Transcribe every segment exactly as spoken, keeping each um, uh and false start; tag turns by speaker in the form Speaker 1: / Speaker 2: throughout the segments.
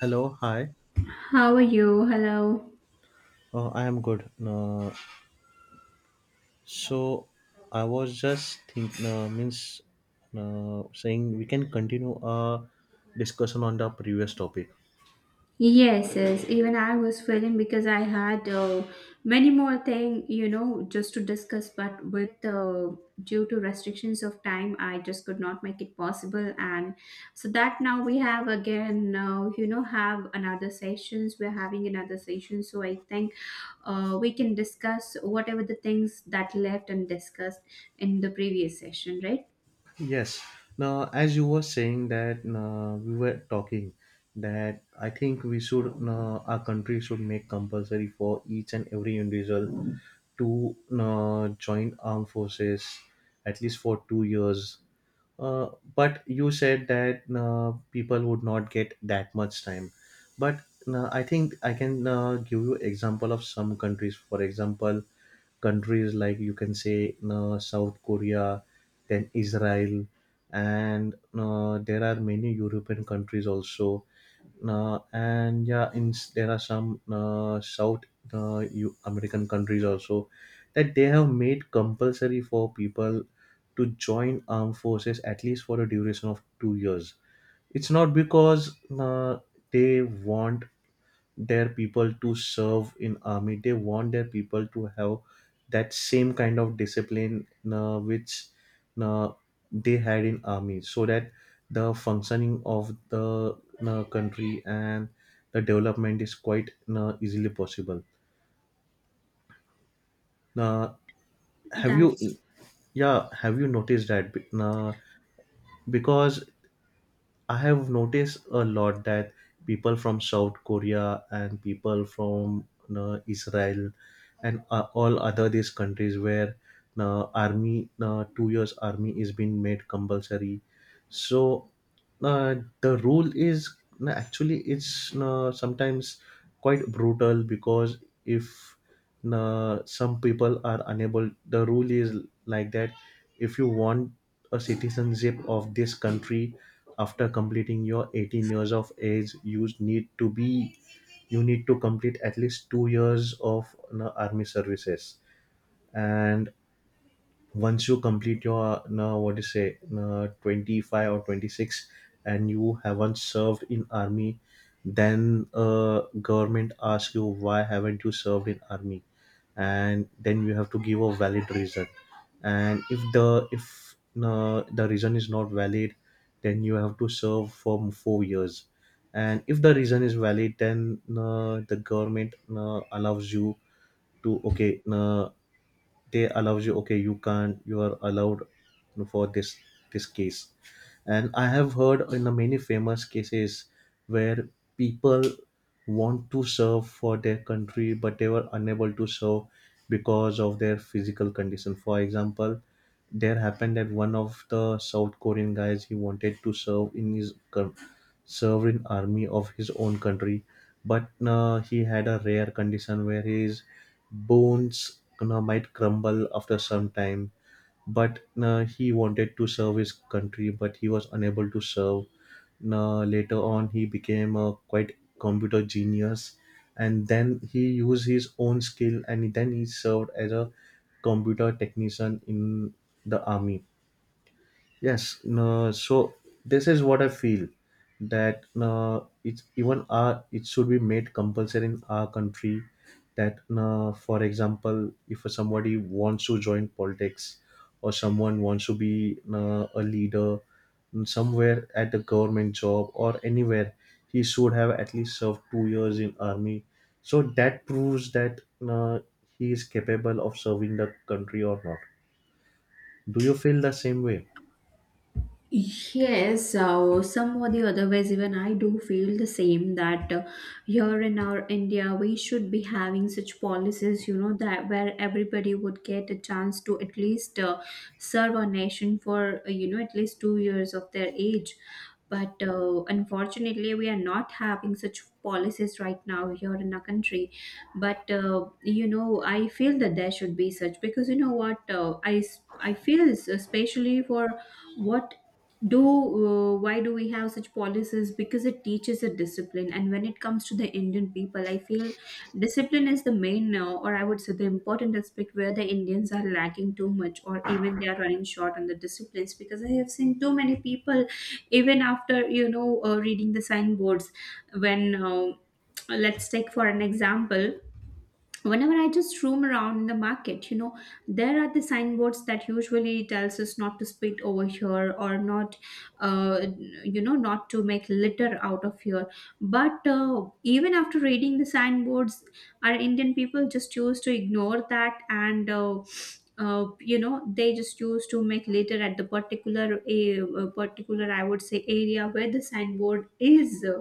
Speaker 1: Hello, hi.
Speaker 2: How are you? Hello.
Speaker 1: Uh, I am good. Uh, so I was just think uh, means uh, saying we can continue our discussion on the previous topic.
Speaker 2: Yes, yes. Even I was feeling because I had uh, many more thing, you know, just to discuss. But with uh, due to restrictions of time, I just could not make it possible. And so that now we have again, uh, you know, have another sessions. We're having another session. So I think uh, we can discuss whatever the things that left and discussed in the previous session, right?
Speaker 1: Yes. Now, as you were saying that uh, we were talking that I think we should uh, our country should make compulsory for each and every individual to uh, join armed forces at least for two years. Uh, but you said that uh, people would not get that much time. But uh, I think I can uh, give you example of some countries. For example, countries like you can say uh, South Korea, then Israel, and uh, there are many European countries also, uh, and yeah, in s- there are some uh, South uh, U- American countries also that they have made compulsory for people to join armed forces at least for a duration of two years. It's not because uh, they want their people to serve in army, they want their people to have that same kind of discipline uh, which uh, they had in army so that the functioning of the uh, country and the development is quite uh, easily possible. Uh, have you
Speaker 2: That's
Speaker 1: yeah have you noticed that Be- uh, because I have noticed a lot that people from South Korea and people from you know, Israel and uh, all other these countries where uh, army uh, two years army is being made compulsory. So uh, the rule is no, actually it's no, sometimes quite brutal because if no, some people are unable, the rule is like that: if you want a citizenship of this country, after completing your eighteen years of age you need to be, you need to complete at least two years of no, army services. And once you complete your uh, what do you say uh, twenty-five or twenty-six and you haven't served in army, then uh, government asks you why haven't you served in army, and then you have to give a valid reason. And if the if uh, the reason is not valid, then you have to serve for four years. And if the reason is valid, then uh, the government uh, allows you to, okay, uh, they allows you, okay, you can't you are allowed for this, this case. And I have heard in the many famous cases where people want to serve for their country but they were unable to serve because of their physical condition. For example, there happened that one of the South Korean guys, he wanted to serve in his coun- serve in army of his own country, but uh, he had a rare condition where his bones, you know, might crumble after some time. But uh, he wanted to serve his country but he was unable to serve. Uh, later on, he became a quite computer genius, and then he used his own skill and then he served as a computer technician in the army. Yes, no, so this is what I feel that no, it's even our, it should be made compulsory in our country that no, for example, if somebody wants to join politics or someone wants to be no, a leader somewhere at a government job or anywhere, he should have at least served two years in army. So that proves that no, he is capable of serving the country or not. Do you feel the same way?
Speaker 2: yes, so some or the other ways, even I do feel the same that uh, here in our India, we should be having such policies, you know, that where everybody would get a chance to at least uh, serve our nation for, uh, you know, at least two years of their age. But uh, unfortunately, we are not having such policies right now here in our country. But, uh, you know, I feel that there should be such because, you know what, uh, I, s- I feel especially for what do uh, why do we have such policies because it teaches a discipline and when it comes to the indian people I feel discipline is the main uh, or I would say the important aspect where the indians are lacking too much or even they are running short on the disciplines because I have seen too many people even after you know uh, reading the signboards when uh, let's take for an example whenever I just roam around in the market, you know, there are the signboards that usually tells us not to spit over here or not uh, you know not to make litter out of here. But uh, even after reading the signboards our indian people just choose to ignore that and uh, uh, you know they just choose to make litter at the particular a uh, particular I would say area where the signboard is uh,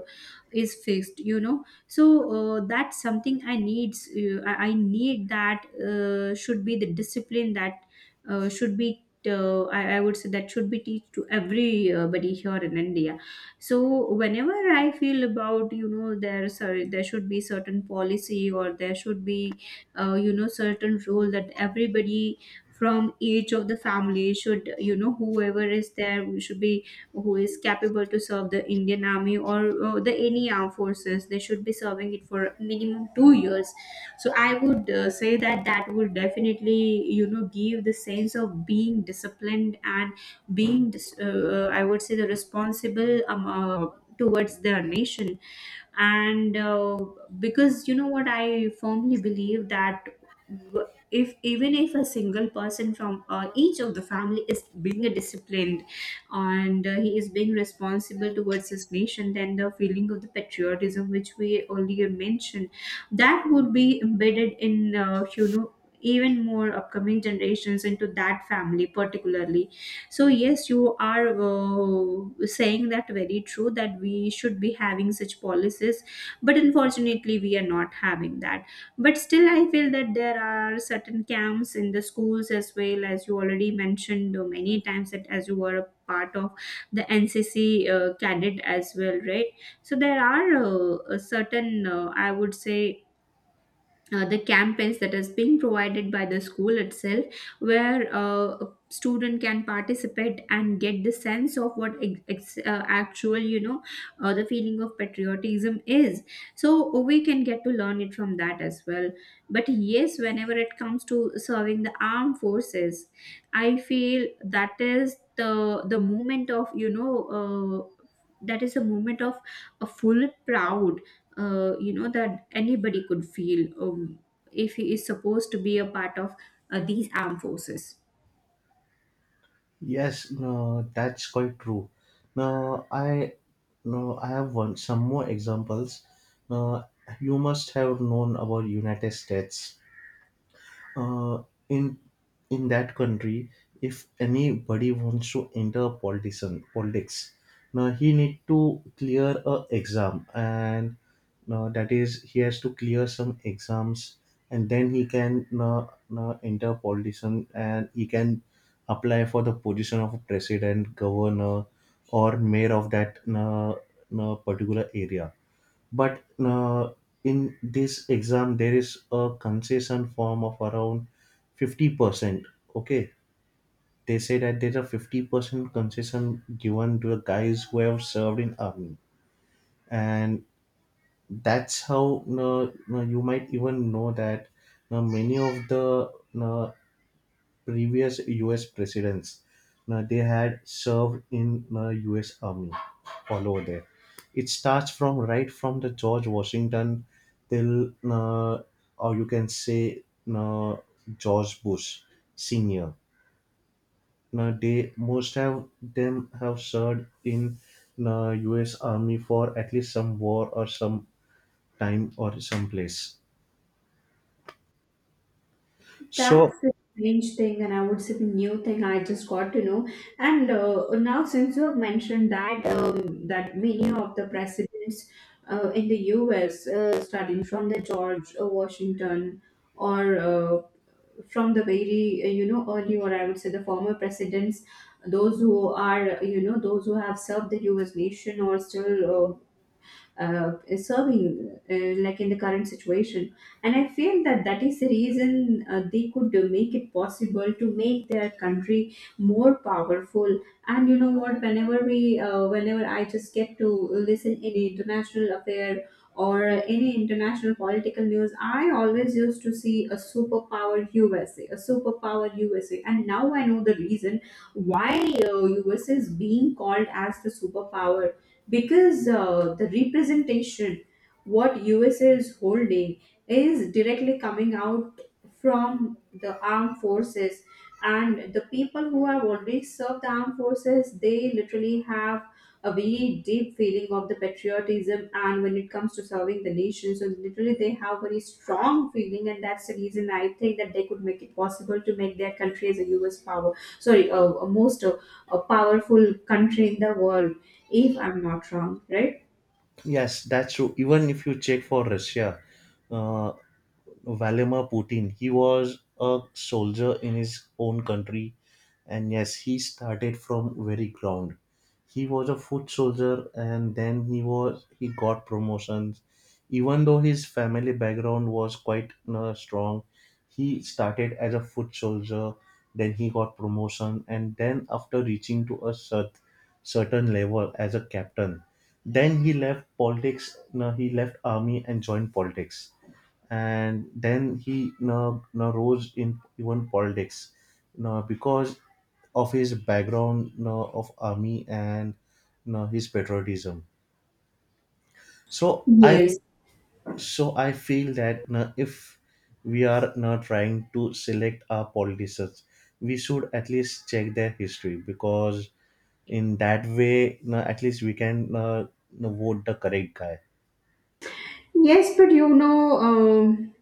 Speaker 2: is fixed, you know. So uh, that's something I needs. uh, i I need that uh, should be the discipline that uh, should be uh, I, I would say that should be teach to everybody here in india. So whenever I feel about, you know, there sorry there should be certain policy or there should be uh, you know certain role that everybody from each of the family should, you know, whoever is there we should be who is capable to serve the Indian Army or uh, the any armed forces. They should be serving it for minimum two years. So I would uh, say that that would definitely, you know, give the sense of being disciplined and being dis- uh, uh, I would say the responsible um, uh, towards their nation, and uh, because you know what I firmly believe that w- if even if a single person from uh, each of the family is being disciplined and uh, he is being responsible towards his nation, then the feeling of the patriotism which we earlier mentioned, that would be embedded in uh, you know even more upcoming generations into that family particularly. So yes, you are uh, saying that very true that we should be having such policies but unfortunately we are not having that. But still I feel that there are certain camps in the schools, as well as you already mentioned uh, many times that as you were a part of the N C C uh, cadet as well, right? So there are uh, a certain uh, I would say uh, the campaigns that has been provided by the school itself where uh, a student can participate and get the sense of what ex- ex- uh, actual, you know, uh, the feeling of patriotism is, so we can get to learn it from that as well. But yes, whenever it comes to serving the armed forces, I feel that is the the moment of you know uh, that is a moment of a full proud uh, you know that anybody could feel um, if he is supposed to be a part of uh, these armed forces.
Speaker 1: Yes, no, that's quite true. Now, I no, I have one some more examples. Now, you must have known about United States. uh, in in that country, if anybody wants to enter politician politics, now he need to clear a exam, and now that is he has to clear some exams, and then he can now, now enter politician, and he can apply for the position of president, governor, or mayor of that now, now particular area. But uh, in this exam there is a concession form of around fifty percent, okay, they say that there's a fifty percent concession given to the guys who have served in army. And that's how uh, you might even know that uh, many of the uh, previous U S presidents. Now, they had served in the U S Army all over there. It starts from right from the George Washington till, uh, or you can say, uh, George Bush Senior. Now, they, most of them have served in the U S Army for at least some war or some time or some place. So
Speaker 2: That's a strange thing, and I would say the new thing I just got to know. And uh, now, since you have mentioned that um, that many of the presidents uh, in the U S, uh, starting from the George uh, Washington or uh, from the very uh, you know early, or I would say the former presidents, those who are you know those who have served the U S nation or still uh, uh, serving uh, like in the current situation. And I feel that that is the reason uh, they could uh, make it possible to make their country more powerful. And you know what, whenever we uh, whenever I just get to listen any international affair or any international political news, I always used to see a superpower USA a a superpower USA, and now I know the reason why uh, USA is being called as the superpower, because uh, the representation what USA is holding is directly coming out from the armed forces. And the people who have already served the armed forces, they literally have a very deep feeling of the patriotism, and when it comes to serving the nation, so literally they have very strong feeling, and that's the reason I think that they could make it possible to make their country as a us power, sorry a, a most uh, a powerful country in the world, if I'm not wrong, right?
Speaker 1: yes, that's true. Even if you check for Russia, uh, Vladimir Putin. He was a soldier in his own country, and yes, he started from very ground. He was a foot soldier, and then he was he got promotions. Even though his family background was quite uh, strong, he started as a foot soldier. Then he got promotion, and then after reaching to a cert, certain level as a captain, then he left politics. No, he left army and joined politics, and then he now, now rose in even politics now because of his background now of army and now his patriotism. so i
Speaker 2: Yes,
Speaker 1: so I feel that now, if we are now trying to select our politicians, we should at least check their history, because in that way now at least we can uh, now vote the correct guy.
Speaker 2: yes, but you know, um,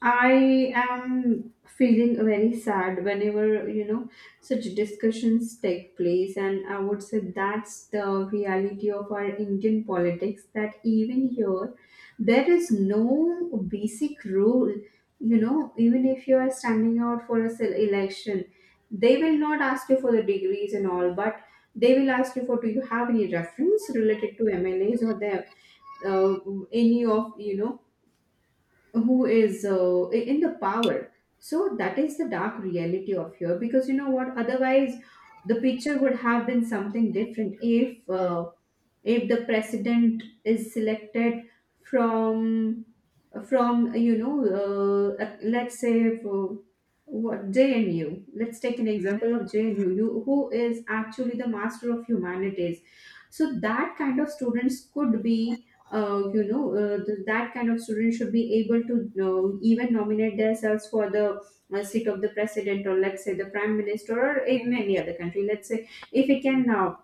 Speaker 2: I am feeling very sad whenever, you know, such discussions take place. And I would say that's the reality of our Indian politics, that even here, there is no basic rule. You know, even if you are standing out for a se- election, they will not ask you for the degrees and all, but they will ask you for do you have any reference related to M L As or the uh, any of you know who is uh, in the power. So that is the dark reality of here, because you know what, otherwise the picture would have been something different if uh, if the president is selected from from you know uh, let's say for what J N U, let's take an example of J N U you, who is actually the master of humanities, so that kind of students could be uh, you know uh, th- that kind of students should be able to uh, even nominate themselves for the uh, seat of the president, or let's say the prime minister, or in any other country, let's say if we can now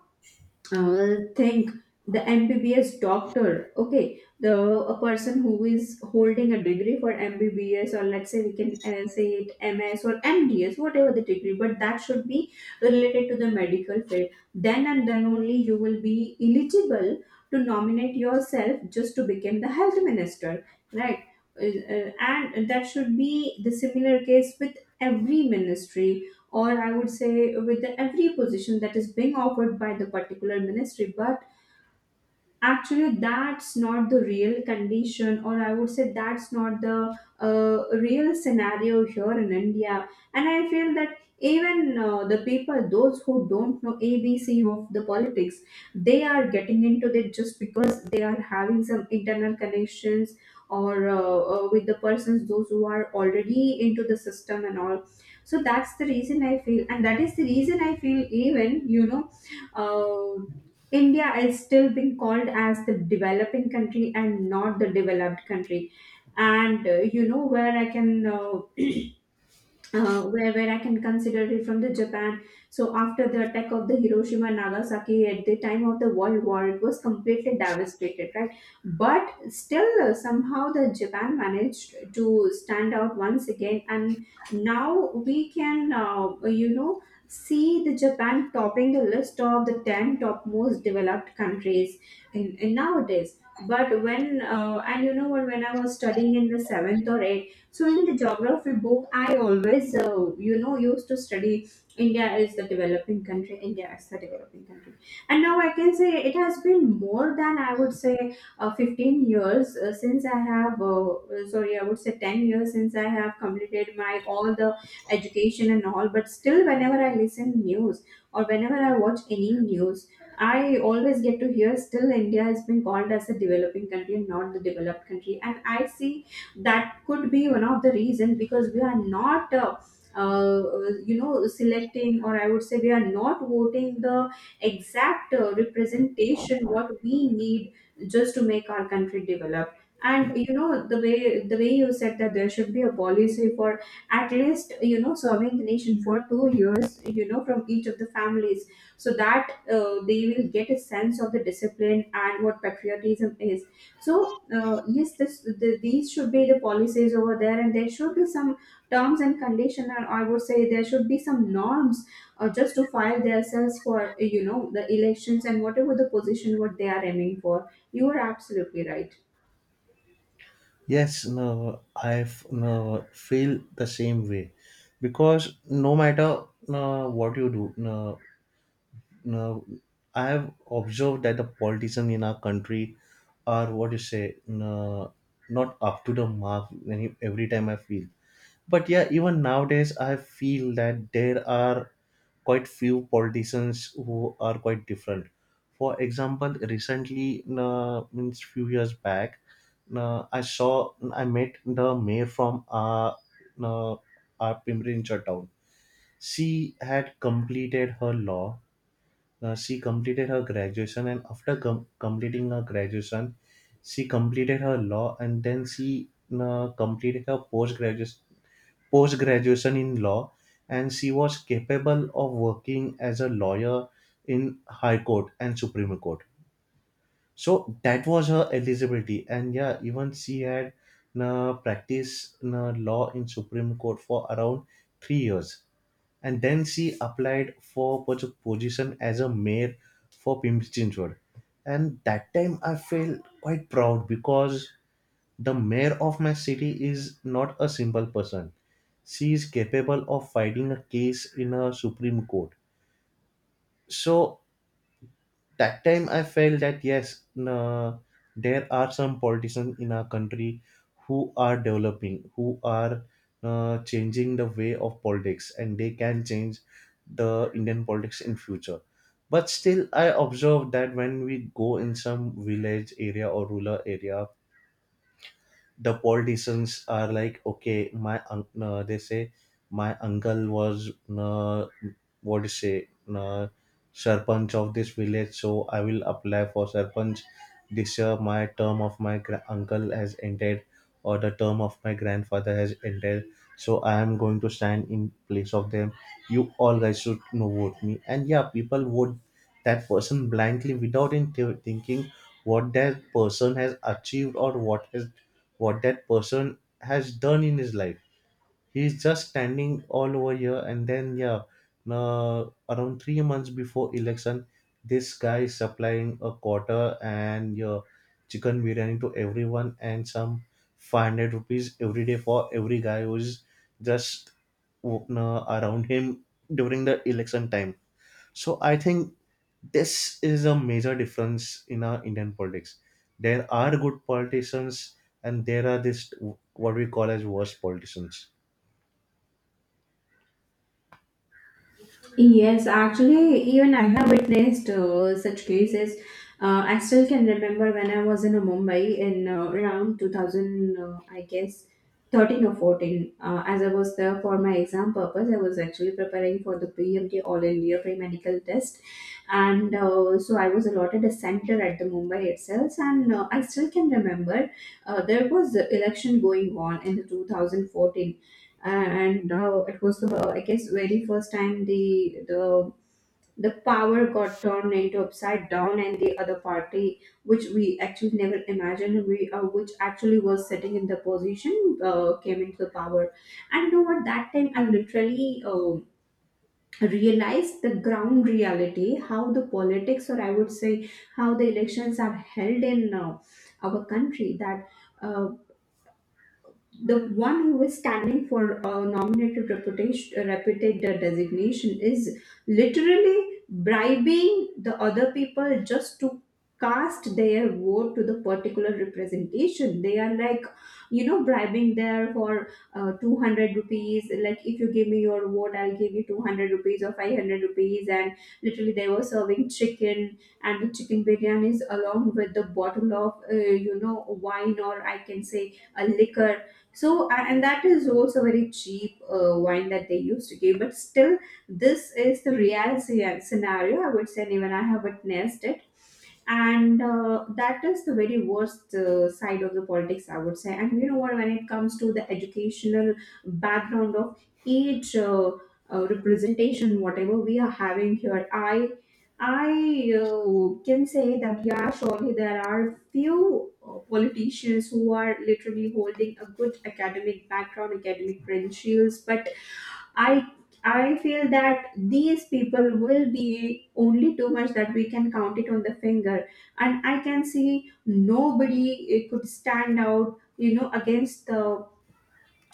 Speaker 2: uh, well, think the M B B S doctor, okay, the a person who is holding a degree for M B B S, or let's say we can uh, say it M S or M D S, whatever the degree, but that should be related to the medical field. Then and then only you will be eligible to nominate yourself just to become the health minister, right? Uh, uh, and that should be the similar case with every ministry, or I would say with every position that is being offered by the particular ministry. But actually that's not the real condition, or I would say that's not the uh, real scenario here in india. And I feel that even uh, the people those who don't know A B C of the politics, they are getting into it just because they are having some internal connections or uh, uh, with the persons those who are already into the system and all. So that's the reason I feel, and that is the reason I feel even you know uh, India is still being called as the developing country and not the developed country. And uh, you know where I can uh, uh, where, where I can consider it from the Japan. So after the attack of the Hiroshima and Nagasaki at the time of the World War, it was completely devastated, right? But still, uh, somehow the Japan managed to stand out once again, and now we can, uh, you know, see the Japan topping the list of the ten top most developed countries in, in nowadays. But when uh, and you know what, when I was studying in the seventh or eighth, so in the geography book, I always, uh, you know, used to study India is the developing country, India is the developing country. And now I can say it has been more than I would say uh, fifteen years uh, since I have, uh, sorry, I would say ten years since I have completed my all the education and all. But still, whenever I listen news or whenever I watch any news, I always get to hear still India has been called as a developing country and not the developed country. And I see that could be one of the reasons because we are not uh, uh, you know selecting, or I would say we are not voting the exact uh, representation what we need just to make our country develop. And you know the way the way you said, that there should be a policy for at least you know serving the nation for two years you know from each of the families, so that uh, they will get a sense of the discipline and what patriotism is. So uh, yes, this the, these should be the policies over there, and there should be some terms and condition, and I would say there should be some norms uh, just to file themselves for you know the elections and whatever the position what they are aiming for. You are absolutely right.
Speaker 1: Yes, no, I no, feel the same way because no matter no, what you do, no, no, I have observed that the politicians in our country are what you say no, not up to the mark. When you- every time I feel, but yeah, even nowadays, I feel that there are quite few politicians who are quite different. For example, recently, uh, means few years back, uh, I saw I met the mayor from our uh, our Pimprincha town. She had completed her law. Uh, she completed her graduation, and after com- completing her graduation, she completed her law, and then she uh, completed her post graduation, post graduation in law, and she was capable of working as a lawyer in high court and supreme court. So that was her eligibility, and yeah, even she had uh, practiced uh, law in supreme court for around three years, and then she applied for pos- position as a mayor for Pimpchinchwad. And that time I felt quite proud because the mayor of my city is not a simple person. She is capable of fighting a case in a Supreme Court. So that time I felt that yes, n- there are some politicians in our country who are developing, who are uh, changing the way of politics, and they can change the Indian politics in future. But still, I observe that when we go in some village area or rural area, the politicians are like okay, my un- uh, they say my uncle was uh, what do you say uh, sarpanch of this village, so I will apply for sarpanch this year, my term of my gra- uncle has ended, or the term of my grandfather has ended, so I am going to stand in place of them, you all guys should, you know, vote me. And yeah, people vote that person blindly without in- thinking what that person has achieved or what has what that person has done in his life. He's just standing all over here, and then yeah, uh, around three months before election, this guy is supplying a quarter and your chicken biryani to everyone, and some five hundred rupees every day for every guy who's just uh, around him during the election time. So I think this is a major difference in our Indian politics. There are good politicians, and there are this what we call as worst politicians.
Speaker 2: Yes, actually, even I have witnessed uh, such cases. Uh, I still can remember when I was in uh, Mumbai in uh, around two thousand, uh, I guess, thirteen or fourteen. Uh, as I was there for my exam purpose, I was actually preparing for the P M T All India Pre-Medical Test. And uh, so I was allotted a center at the Mumbai itself. And uh, I still can remember uh, there was the election going on in the twenty fourteen, and uh, it was the, I guess, very first time the the the power got turned into upside down, and the other party, which we actually never imagined, we uh, which actually was sitting in the position, uh, came into the power. And you know what, that time I literally uh, realized the ground reality, how the politics, or I would say how the elections are held in uh, our country. That uh, the one who is standing for a nominated reputation, uh, reputed uh, designation is literally bribing the other people just to cast their vote to the particular representation. They are like, you know bribing there for uh, two hundred rupees. Like, if you give me your vote, I'll give you two hundred rupees or five hundred rupees, and literally they were serving chicken, and the chicken biryani is along with the bottle of uh, you know wine, or I can say a liquor. So, a- and that is also very cheap uh, wine that they use today. But still, this is the real sce- scenario, I would say, and even I have witnessed it. And uh, that is the very worst uh, side of the politics, I would say. And you know what, when it comes to the educational background of each uh, uh, representation, whatever we are having here, I I uh, can say that yeah, surely there are few uh, politicians who are literally holding a good academic background, academic credentials. But I I feel that these people will be only too much that we can count it on the finger, and I can see nobody uh, could stand out, you know, against the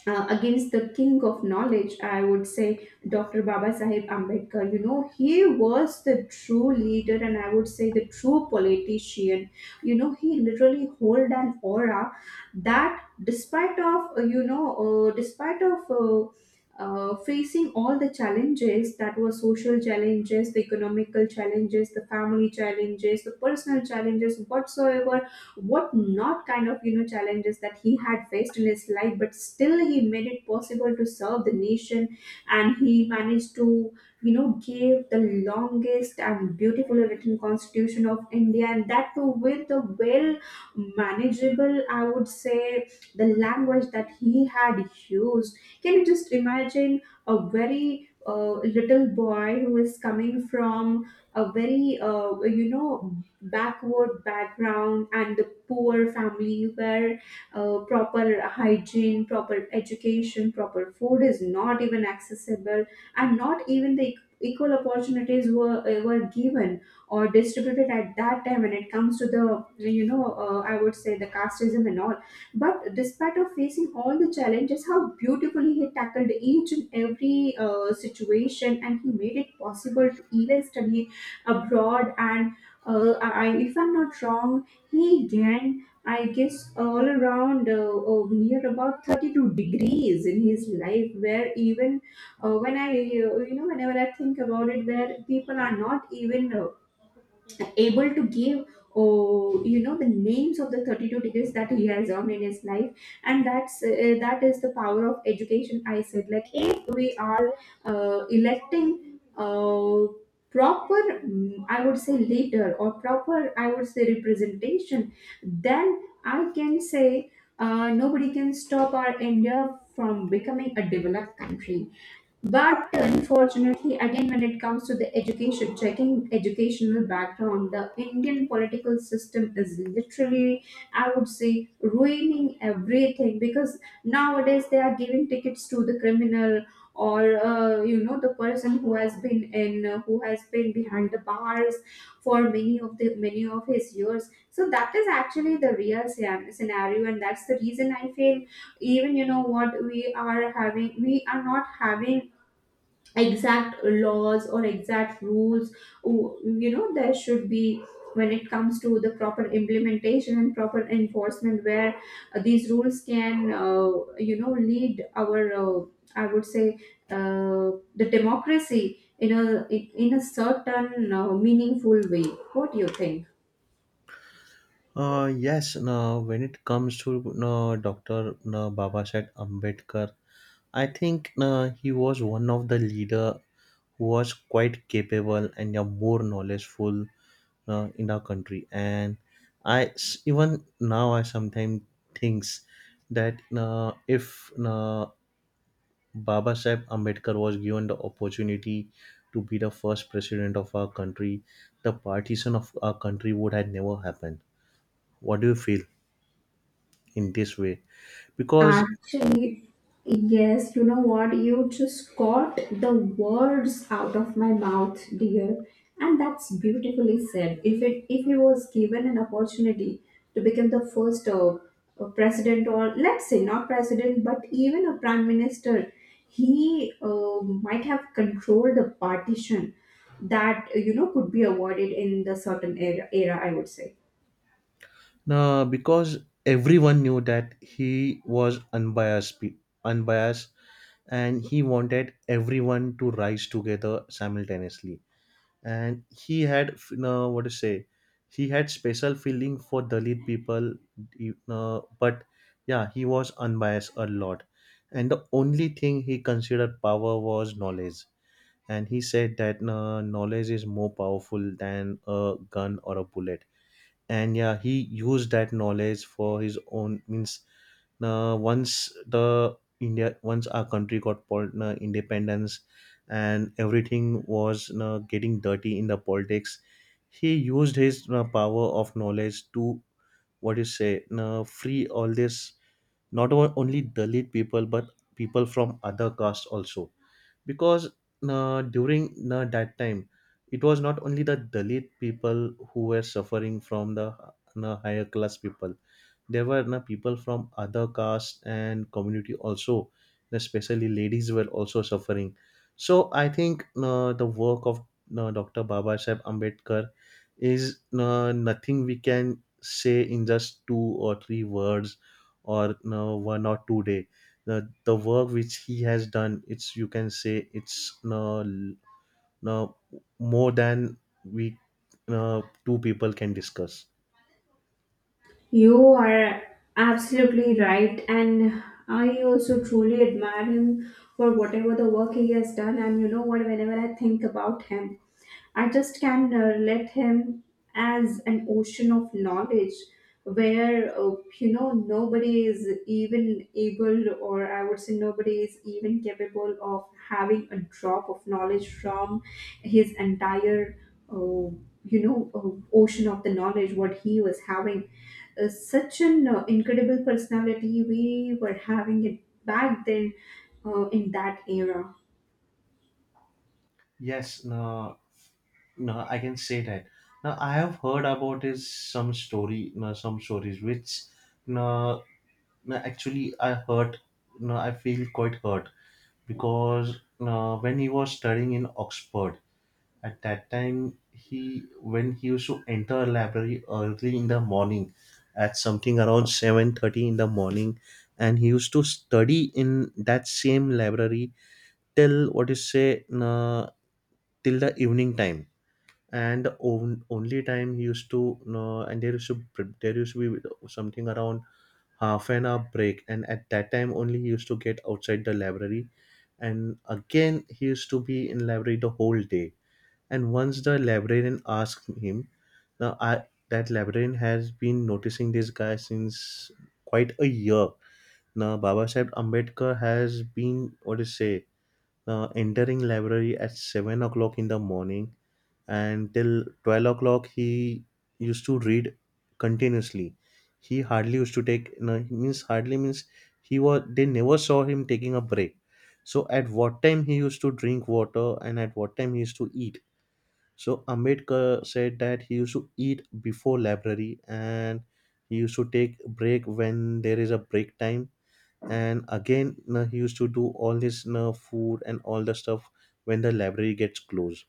Speaker 2: uh, against the king of knowledge, I would say, Doctor Baba Sahib Ambedkar. You know, he was the true leader and I would say the true politician. You know, he literally hold an aura, that despite of, uh, you know, uh, despite of uh, uh, facing all the challenges that were social challenges, the economical challenges, the family challenges, the personal challenges, whatsoever what not kind of you know challenges that he had faced in his life. But still, he made it possible to serve the nation, and he managed to you know give the longest and beautifully written constitution of India, and that too with a well manageable, I would say, the language that he had used. Can you just imagine, a very uh, little boy who is coming from a very uh, you know backward background and the poor family, where uh, proper hygiene, proper education, proper food is not even accessible, and not even the equ- equal opportunities were uh, were given or distributed at that time, when it comes to the you know uh, I would say the casteism and all. But despite of facing all the challenges, how beautifully he tackled each and every uh, situation, and he made it possible to even study abroad. And uh, I, I- if I'm not wrong, hey Dan, I guess all around uh, uh, near about thirty-two degrees in his life, where even uh, when I, uh, you know, whenever I think about it, where people are not even uh, able to give, oh, you know the names of the thirty-two degrees that he has earned in his life. And that's uh, that is the power of education, I said, like, if we are uh, electing uh, proper, mm, I would say, leader, or proper, I would say, representation, then I can say uh, nobody can stop our India from becoming a developed country. But unfortunately, again, when it comes to the education, checking educational background, the Indian political system is literally, I would say, ruining everything, because nowadays they are giving tickets to the criminal, or uh, you know the person who has been in uh, who has been behind the bars for many of the many of his years. So that is actually the real scen- scenario, and that's the reason I feel, even, you know, what we are having we are not having exact laws or exact rules. Oh, you know there should be, when it comes to the proper implementation and proper enforcement, where uh, these rules can uh, you know lead our, uh, I would say, uh, the democracy in a, in in a certain uh, meaningful way. What do you think?
Speaker 1: Uh, yes. Now, when it comes to no, Doctor no, Babasaheb Ambedkar, I think no, he was one of the leader who was quite capable and yeah, more knowledgeful uh, in our country. And I s- even now I sometimes thinks that uh, if uh, Baba Babasaheb Ambedkar was given the opportunity to be the first president of our country, the partition of our country would have never happened. What do you feel in this way? Because
Speaker 2: Actually, yes, you know what? You just got the words out of my mouth, dear. And that's beautifully said. If it if he was given an opportunity to become the first uh, uh, president, or let's say, not president, but even a prime minister, he uh, might have controlled the partition that you know could be avoided in the certain era. Era, I would say.
Speaker 1: uh, because everyone knew that he was unbiased, pe- unbiased, and he wanted everyone to rise together simultaneously. And he had, you know, what to say, he had special feeling for Dalit people, you know, but yeah, he was unbiased a lot. And the only thing he considered power was knowledge. And he said that uh, knowledge is more powerful than a gun or a bullet. And yeah, he used that knowledge for his own means. Uh, once the india once our country got pol- uh, independence, and everything was uh, getting dirty in the politics, he used his uh, power of knowledge to, what you say, uh, free all this, not o- only Dalit people, but people from other castes also. Because uh, during uh, that time, it was not only the Dalit people who were suffering from the uh, higher class people. There were na people from other caste and community also. Especially ladies were also suffering. So I think, uh, the work of uh, Dr. Baba Sahib Ambedkar is, uh, nothing we can say in just two or three words, or uh, one or two day. The, the work which he has done, it's, you can say, it's, uh, l- uh, more than we, uh, two people can discuss.
Speaker 2: You are absolutely right, and I also truly admire him for whatever the work he has done. And you know what, whenever I think about him, I just can uh, let him as an ocean of knowledge, where, uh, you know, nobody is even able, or I would say, nobody is even capable of having a drop of knowledge from his entire, uh, you know, uh, ocean of the knowledge what he was having. Uh, such an uh, incredible personality we were having it back then, uh, in that era.
Speaker 1: Yes, no. No, I can say that. Now I have heard about is some story, no, some stories which, no, no, actually I hurt. No, I feel quite hurt because, no, when he was studying in Oxford at that time, he when he used to enter a library early in the morning, at something around seven thirty in the morning, and he used to study in that same library till, what you say, no, till the evening time. And the on, only time he used to, uh, and there used to there used to be something around half an hour break, and at that time only he used to get outside the library, and again he used to be in library the whole day. And once the librarian asked him, now I, that librarian has been noticing this guy since quite a year. Now Baba Sahib Ambedkar has been, what to say, uh, entering library at seven o'clock in the morning, and till twelve o'clock he used to read continuously. He hardly used to take, no, he means hardly means, he was, they never saw him taking a break. So at what time he used to drink water, and at what time he used to eat? So Ambedkar said that he used to eat before library, and he used to take break when there is a break time. And again, no, he used to do all this, no, food and all the stuff when the library gets closed.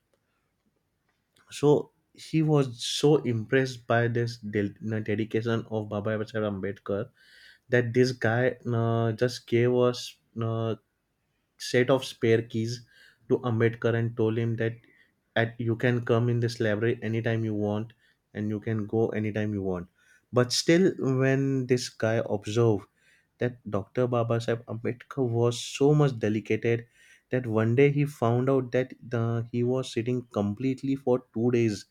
Speaker 1: So he was so impressed by this del- you know, dedication of Baba Saheb Ambedkar, that this guy uh, just gave us, uh, set of spare keys to Ambedkar, and told him that, at you can come in this library anytime you want, and you can go anytime you want. But still, when this guy observed that Dr. Baba Saheb Ambedkar was so much delicate, that one day he found out that, the, he was sitting completely for two days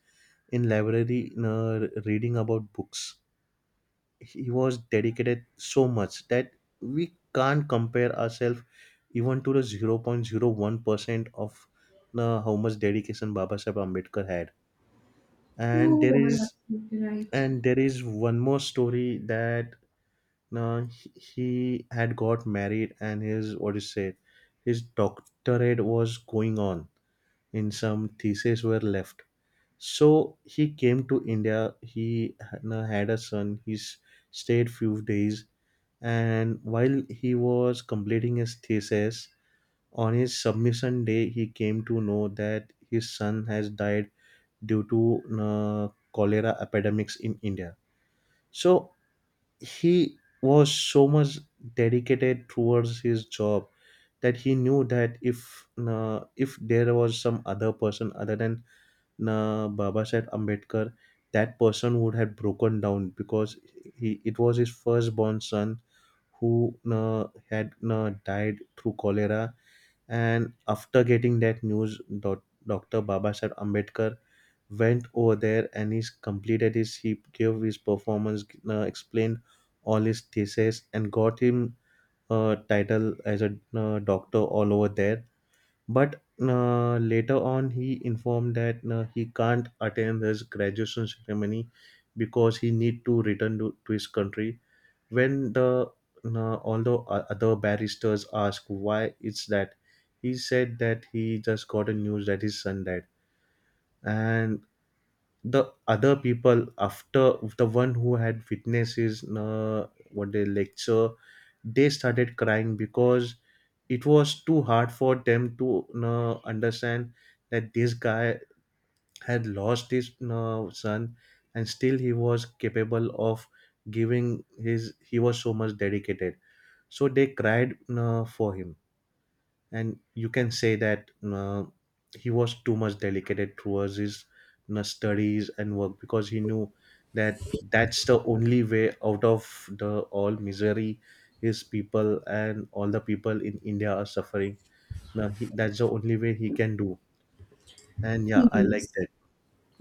Speaker 1: in library, in, uh, reading about books. He was dedicated so much that we can't compare ourselves even to the zero point zero one percent of, uh, how much dedication Baba Saheb Ambedkar had. And
Speaker 2: You
Speaker 1: there
Speaker 2: are
Speaker 1: is
Speaker 2: absolutely right.
Speaker 1: and there is one more story, that, uh, he he had got married and his, what is said, his doctorate was going on, in some theses were left. So he came to India, he ha- na- had a son, he s- stayed few days. And while he was completing his thesis, on his submission day he came to know that his son has died due to uh, cholera epidemics in India. So he was so much dedicated towards his job, that he knew that, if uh, if there was some other person other than uh, Babasaheb Ambedkar, that person would have broken down because, he it was his firstborn son who uh, had uh, died through cholera. And after getting that news, doc- doctor Babasaheb Ambedkar went over there and he's completed his he gave his performance, uh, explained all his thesis, and got him a title as a, uh, doctor all over there. But uh, later on, he informed that, uh, he can't attend his graduation ceremony because he need to return to, to his country. When the uh, Although o- other barristers asked why it's that, he said that he just got a news that his son died, and the other people, after the one who had witnessed his, uh, what they, lecture, they started crying because it was too hard for them to, you know, understand that this guy had lost his, you know, son, and still he was capable of giving his he was so much dedicated. So they cried, you know, for him. And you can say that, you know, he was too much dedicated towards his, you know, studies and work, because he knew that that's the only way out of the all misery his people and all the people in India are suffering. Now he, that's the only way he can do. And yeah, I like
Speaker 2: Please.
Speaker 1: that.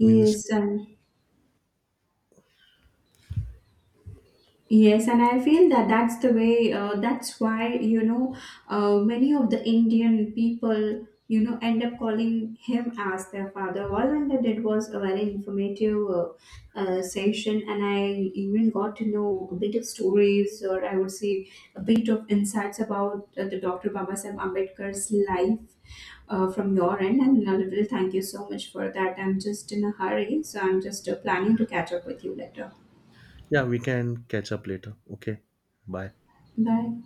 Speaker 1: Means,
Speaker 2: and yes, and I feel that that's the way. Uh, that's why, you know, uh, many of the Indian people, you know, end up calling him as their father. All Linda did was a very informative uh, uh, session, and I even got to know a bit of stories, or I would say, a bit of insights about uh, the Doctor Babasaheb Ambedkar's life uh, from your end. And a little thank you so much for that. I'm just in a hurry, so I'm just uh, planning to catch up with you later.
Speaker 1: yeah, we can catch up later. Okay, bye.
Speaker 2: Bye.